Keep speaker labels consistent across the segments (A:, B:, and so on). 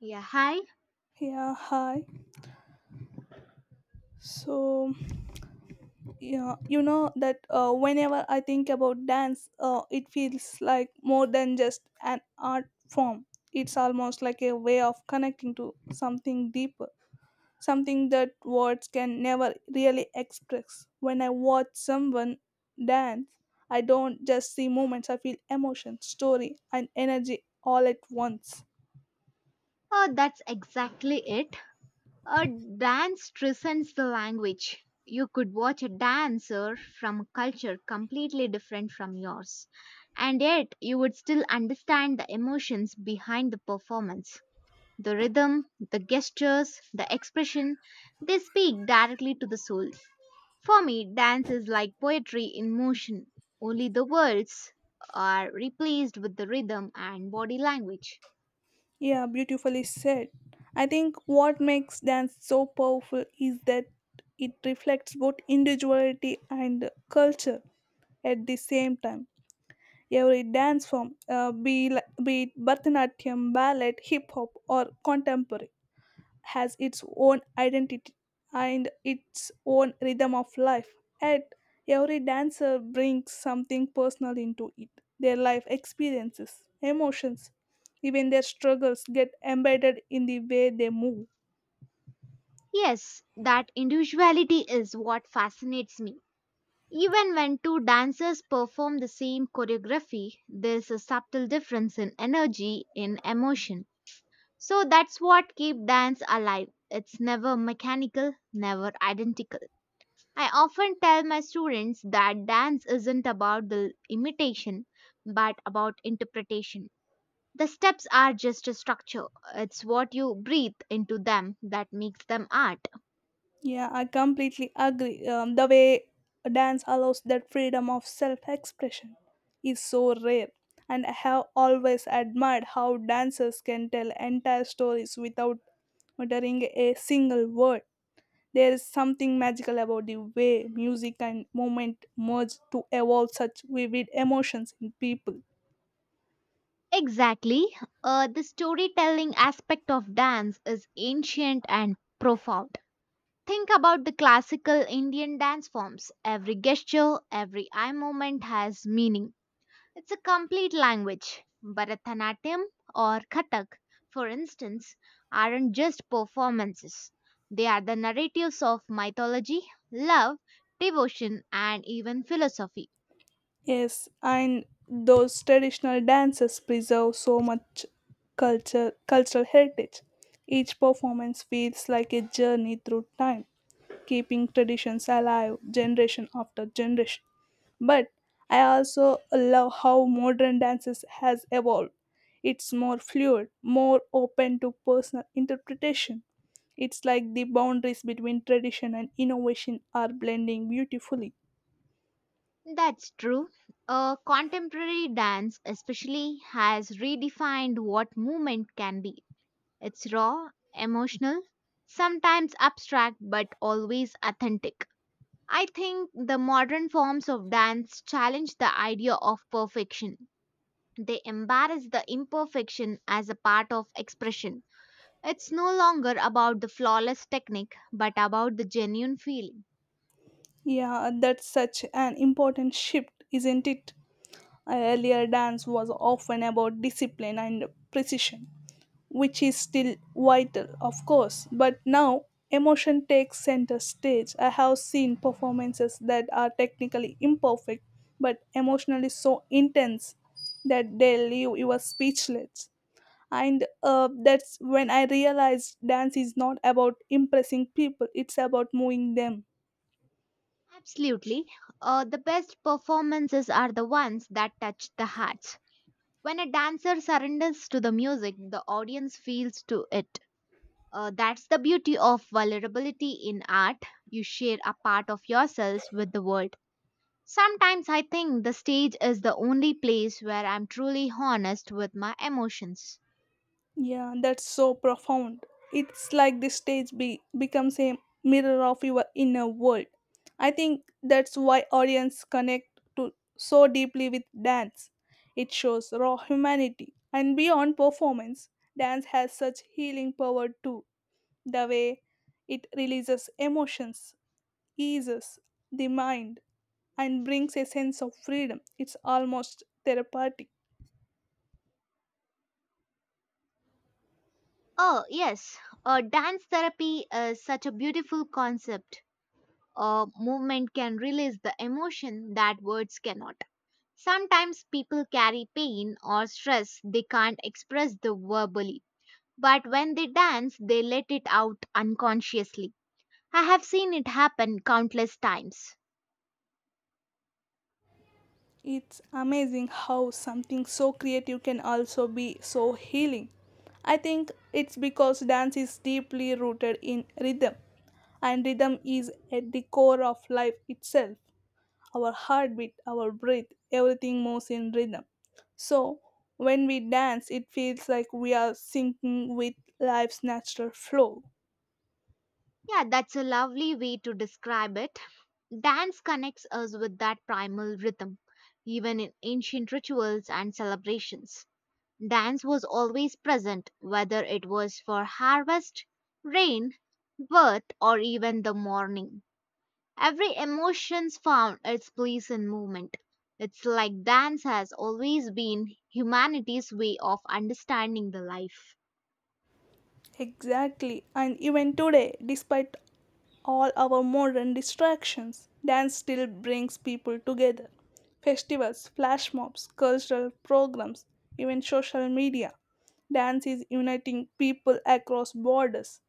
A: Yeah, hi.
B: Yeah, hi. So, yeah, you know that Whenever I think about dance, it feels like more than just an art form. It's almost like a way of connecting to something deeper, something that words can never really express. When I watch someone dance, I don't just see movements, I feel emotion, story, and energy all at once.
A: Oh, that's exactly it. A dance transcends the language. You could watch a dancer from a culture completely different from yours, and yet you would still understand the emotions behind the performance. The rhythm, the gestures, the expression, they speak directly to the soul. For me, dance is like poetry in motion. Only the words are replaced with the rhythm and body language.
B: Yeah, beautifully said. I think what makes dance so powerful is that it reflects both individuality and culture at the same time. Every dance form, be it Bharatanatyam, ballet, hip hop, or contemporary, has its own identity and its own rhythm of life. Yet, every dancer brings something personal into it. Their life experiences, emotions, even their struggles get embedded in the way they move.
A: Yes, that individuality is what fascinates me. Even when two dancers perform the same choreography, there's a subtle difference in energy, in emotion. So that's what keeps dance alive. It's never mechanical, never identical. I often tell my students that dance isn't about the imitation, but about interpretation. The steps are just a structure. It's what you breathe into them that makes them art.
B: Yeah, I completely agree. The way dance allows that freedom of self expression is so rare. And I have always admired how dancers can tell entire stories without uttering a single word. There is something magical about the way music and movement merge to evoke such vivid emotions in people.
A: Exactly. The storytelling aspect of dance is ancient and profound. Think about the classical Indian dance forms. Every gesture, every eye movement has meaning. It's a complete language. Bharatanatyam or Kathak, for instance, aren't just performances. They are the narratives of mythology, love, devotion, and even philosophy.
B: Yes, and those traditional dances preserve so much cultural heritage. Each performance feels like a journey through time, keeping traditions alive generation after generation. But I also love how modern dances has evolved. It's more fluid, more open to personal interpretation. It's like the boundaries between tradition and innovation are blending beautifully.
A: That's true. Contemporary dance, especially, has redefined what movement can be. It's raw, emotional, sometimes abstract, but always authentic. I think the modern forms of dance challenge the idea of perfection. They embrace the imperfection as a part of expression. It's no longer about the flawless technique, but about the genuine feeling.
B: Yeah, that's such an important shift, isn't it? Earlier dance was often about discipline and precision, which is still vital, of course, but now emotion takes center stage. I have seen performances that are technically imperfect but emotionally so intense that they leave you speechless. And that's when I realized dance is not about impressing people, it's about moving them.
A: Absolutely. The best performances are the ones that touch the hearts. When a dancer surrenders to the music, the audience feels to it. That's the beauty of vulnerability in art. You share a part of yourselves with the world. Sometimes I think the stage is the only place where I'm truly honest with my emotions.
B: Yeah, that's so profound. It's like the becomes a mirror of your inner world. I think that's why audience connect to so deeply with dance. It shows raw humanity and beyond performance. Dance has such healing power too. The way it releases emotions, eases the mind, and brings a sense of freedom. It's almost therapeutic.
A: Oh, yes, dance therapy is such a beautiful concept. A movement can release the emotion that words cannot. Sometimes people carry pain or stress they can't express the verbally, but when they dance, they let it out unconsciously. I have seen it happen countless times.
B: It's amazing how something so creative can also be so healing. I think it's because dance is deeply rooted in rhythm, and rhythm is at the core of life itself. Our heartbeat, our breath, everything moves in rhythm. So, when we dance, it feels like we are syncing with life's natural flow.
A: Yeah, that's a lovely way to describe it. Dance connects us with that primal rhythm, even in ancient rituals and celebrations. Dance was always present, whether it was for harvest, rain, birth, or even the morning. Every emotion's found its place in movement. It's like dance has always been humanity's way of understanding the life.
B: Exactly, and even today, despite all our modern distractions, dance still brings people together. Festivals, flash mobs, cultural programs, even social media. Dance is uniting people across borders.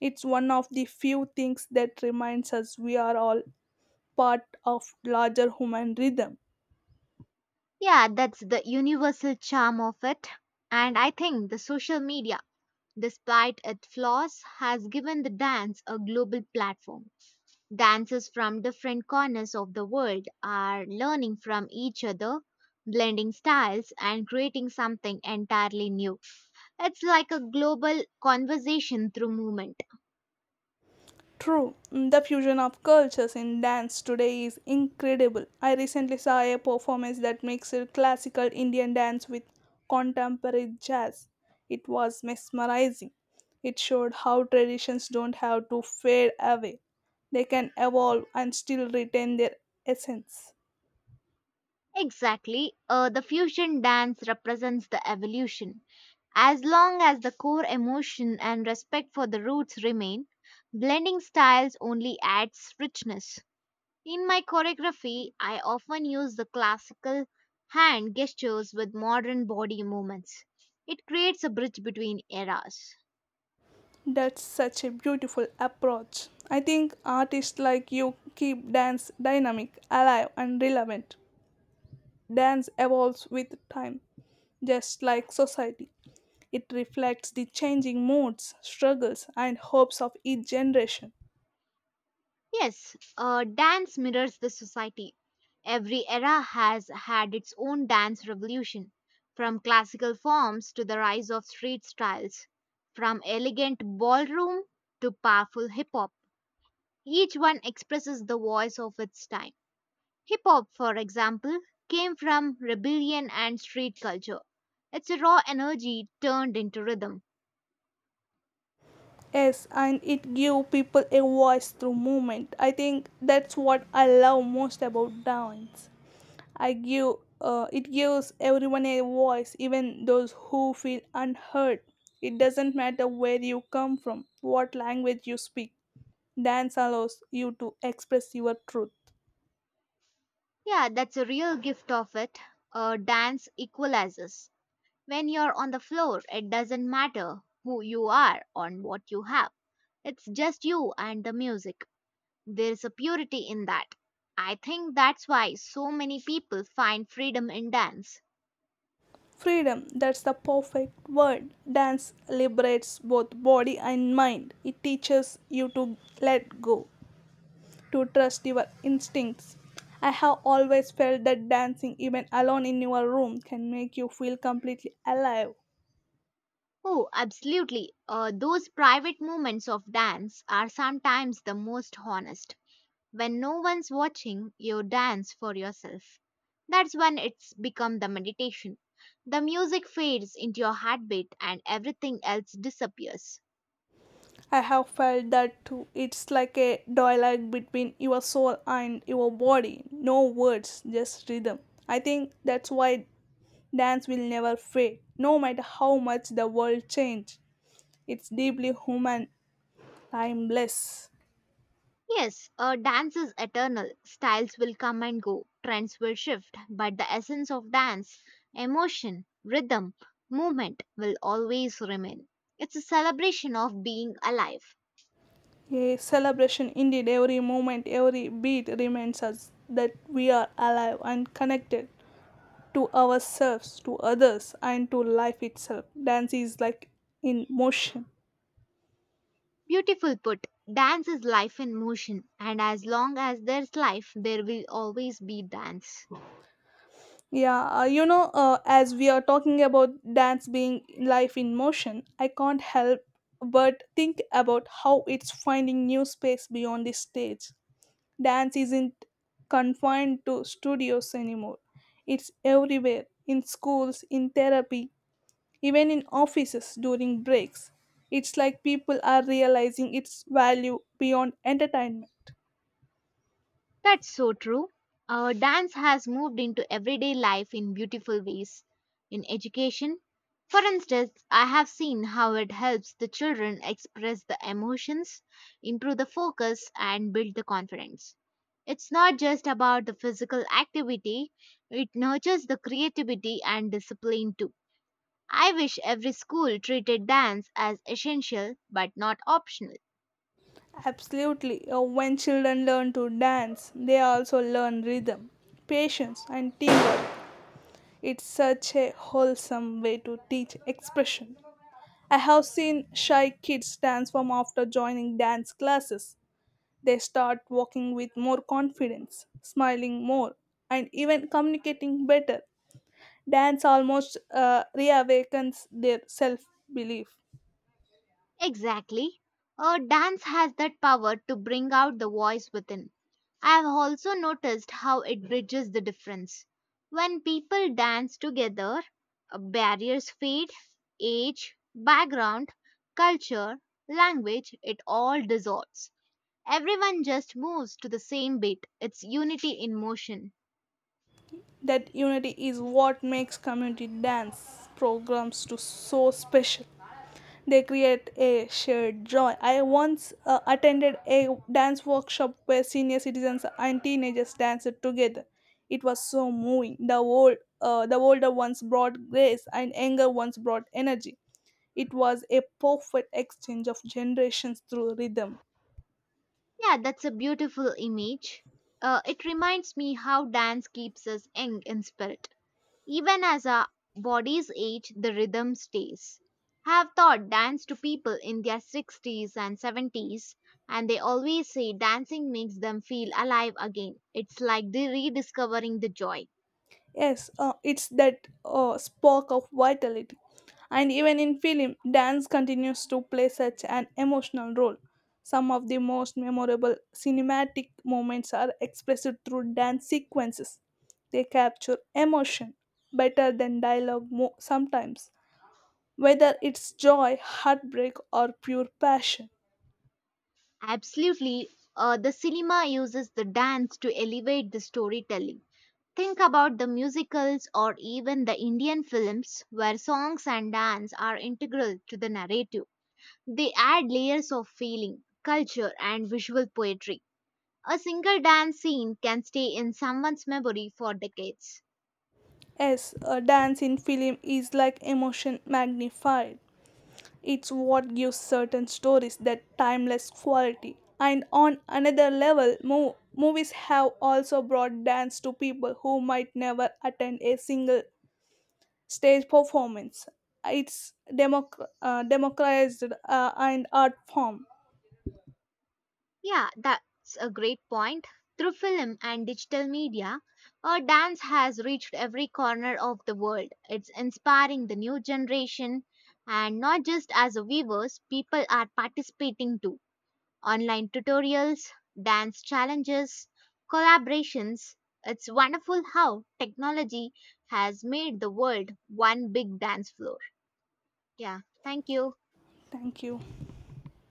B: It's one of the few things that reminds us we are all part of larger human rhythm.
A: Yeah, that's the universal charm of it. And I think the social media, despite its flaws, has given the dance a global platform. Dancers from different corners of the world are learning from each other, blending styles, and creating something entirely new. It's like a global conversation through movement.
B: True, mm, the fusion of cultures in dance today is incredible. I recently saw a performance that mixed classical Indian dance with contemporary jazz. It was mesmerizing. It showed how traditions don't have to fade away, they can evolve and still retain their essence.
A: Exactly. The fusion dance represents the evolution. As long as the core emotion and respect for the roots remain, blending styles only adds richness. In my choreography, I often use the classical hand gestures with modern body movements. It creates a bridge between eras.
B: That's such a beautiful approach. I think artists like you keep dance dynamic, alive, and relevant. Dance evolves with time, just like society. It reflects the changing moods, struggles, and hopes of each generation.
A: Yes, dance mirrors the society. Every era has had its own dance revolution, from classical forms to the rise of street styles, from elegant ballroom to powerful hip hop. Each one expresses the voice of its time. Hip hop, for example, came from rebellion and street culture. It's a raw energy turned into rhythm.
B: Yes, and it gives people a voice through movement. I think that's what I love most about dance. I give It gives everyone a voice, even those who feel unheard. It doesn't matter where you come from, what language you speak. Dance allows you to express your truth.
A: Yeah, that's a real gift of it. Dance equalizes. When you're on the floor, it doesn't matter who you are or what you have. It's just you and the music. There's a purity in that. I think that's why so many people find freedom in dance.
B: Freedom, that's the perfect word. Dance liberates both body and mind. It teaches you to let go, to trust your instincts. I have always felt that dancing, even alone in your room, can make you feel completely alive.
A: Oh, absolutely. Those private moments of dance are sometimes the most honest. When no one's watching, you dance for yourself. That's when it's become the meditation. The music fades into your heartbeat and everything else disappears.
B: I have felt that too. It's like a dialogue between your soul and your body. No words, just rhythm. I think that's why dance will never fade, no matter how much the world changes. It's deeply human, timeless.
A: Yes, dance is eternal. Styles will come and go, trends will shift, but the essence of dance, emotion, rhythm, movement will always remain. It's a celebration of being alive.
B: A celebration indeed, every moment, every beat reminds us that we are alive and connected to ourselves, to others, and to life itself. Dance is like in motion.
A: Beautiful put, dance is life in motion, and as long as there's life, there will always be dance.
B: As we are talking about dance being life in motion, I can't help but think about how it's finding new space beyond the stage. Dance isn't confined to studios anymore. It's everywhere in schools, in therapy, even in offices during breaks. It's like people are realizing its value beyond entertainment.
A: That's so true. Our dance has moved into everyday life in beautiful ways. In education, for instance, I have seen how it helps the children express the emotions, improve the focus, and build the confidence. It's not just about the physical activity, it nurtures the creativity and discipline too. I wish every school treated dance as essential but not optional.
B: Absolutely. When children learn to dance, they also learn rhythm, patience, and teamwork. It's such a wholesome way to teach expression. I have seen shy kids transform after joining dance classes. They start walking with more confidence, smiling more, and even communicating better. Dance almost reawakens their self belief.
A: Exactly. A dance has that power to bring out the voice within. I have also noticed how it bridges the difference. When people dance together, barriers fade, age, background, culture, language, it all dissolves. Everyone just moves to the same beat. It's unity in motion.
B: That unity is what makes community dance programs to so special. They create a shared joy. I once attended a dance workshop where senior citizens and teenagers danced together. It was so moving. The older ones brought grace, and younger ones brought energy. It was a perfect exchange of generations through rhythm.
A: Yeah, that's a beautiful image. It reminds me how dance keeps us young in spirit. Even as our bodies age, the rhythm stays. I have taught dance to people in their 60s and 70s, and they always say dancing makes them feel alive again. It's like rediscovering the joy.
B: Yes, it's that spark of vitality. And even in film, dance continues to play such an emotional role. Some of the most memorable cinematic moments are expressed through dance sequences. They capture emotion better than sometimes, whether it's joy, heartbreak, or pure passion.
A: Absolutely, the cinema uses the dance to elevate the storytelling. Think about the musicals or even the Indian films where songs and dance are integral to the narrative. They add layers of feeling, culture, and visual poetry. A single dance scene can stay in someone's memory for decades.
B: Yes, a dance in film is like emotion magnified. It's what gives certain stories that timeless quality. And on another level, movies have also brought dance to people who might never attend a single stage performance. It's democratized and art form.
A: Yeah, that's a great point. Through film and digital media, our dance has reached every corner of the world. It's inspiring the new generation, and not just as a viewers, people are participating too. Online tutorials, dance challenges, collaborations. It's wonderful how technology has made the world one big dance floor. Yeah, thank you.
B: Thank you.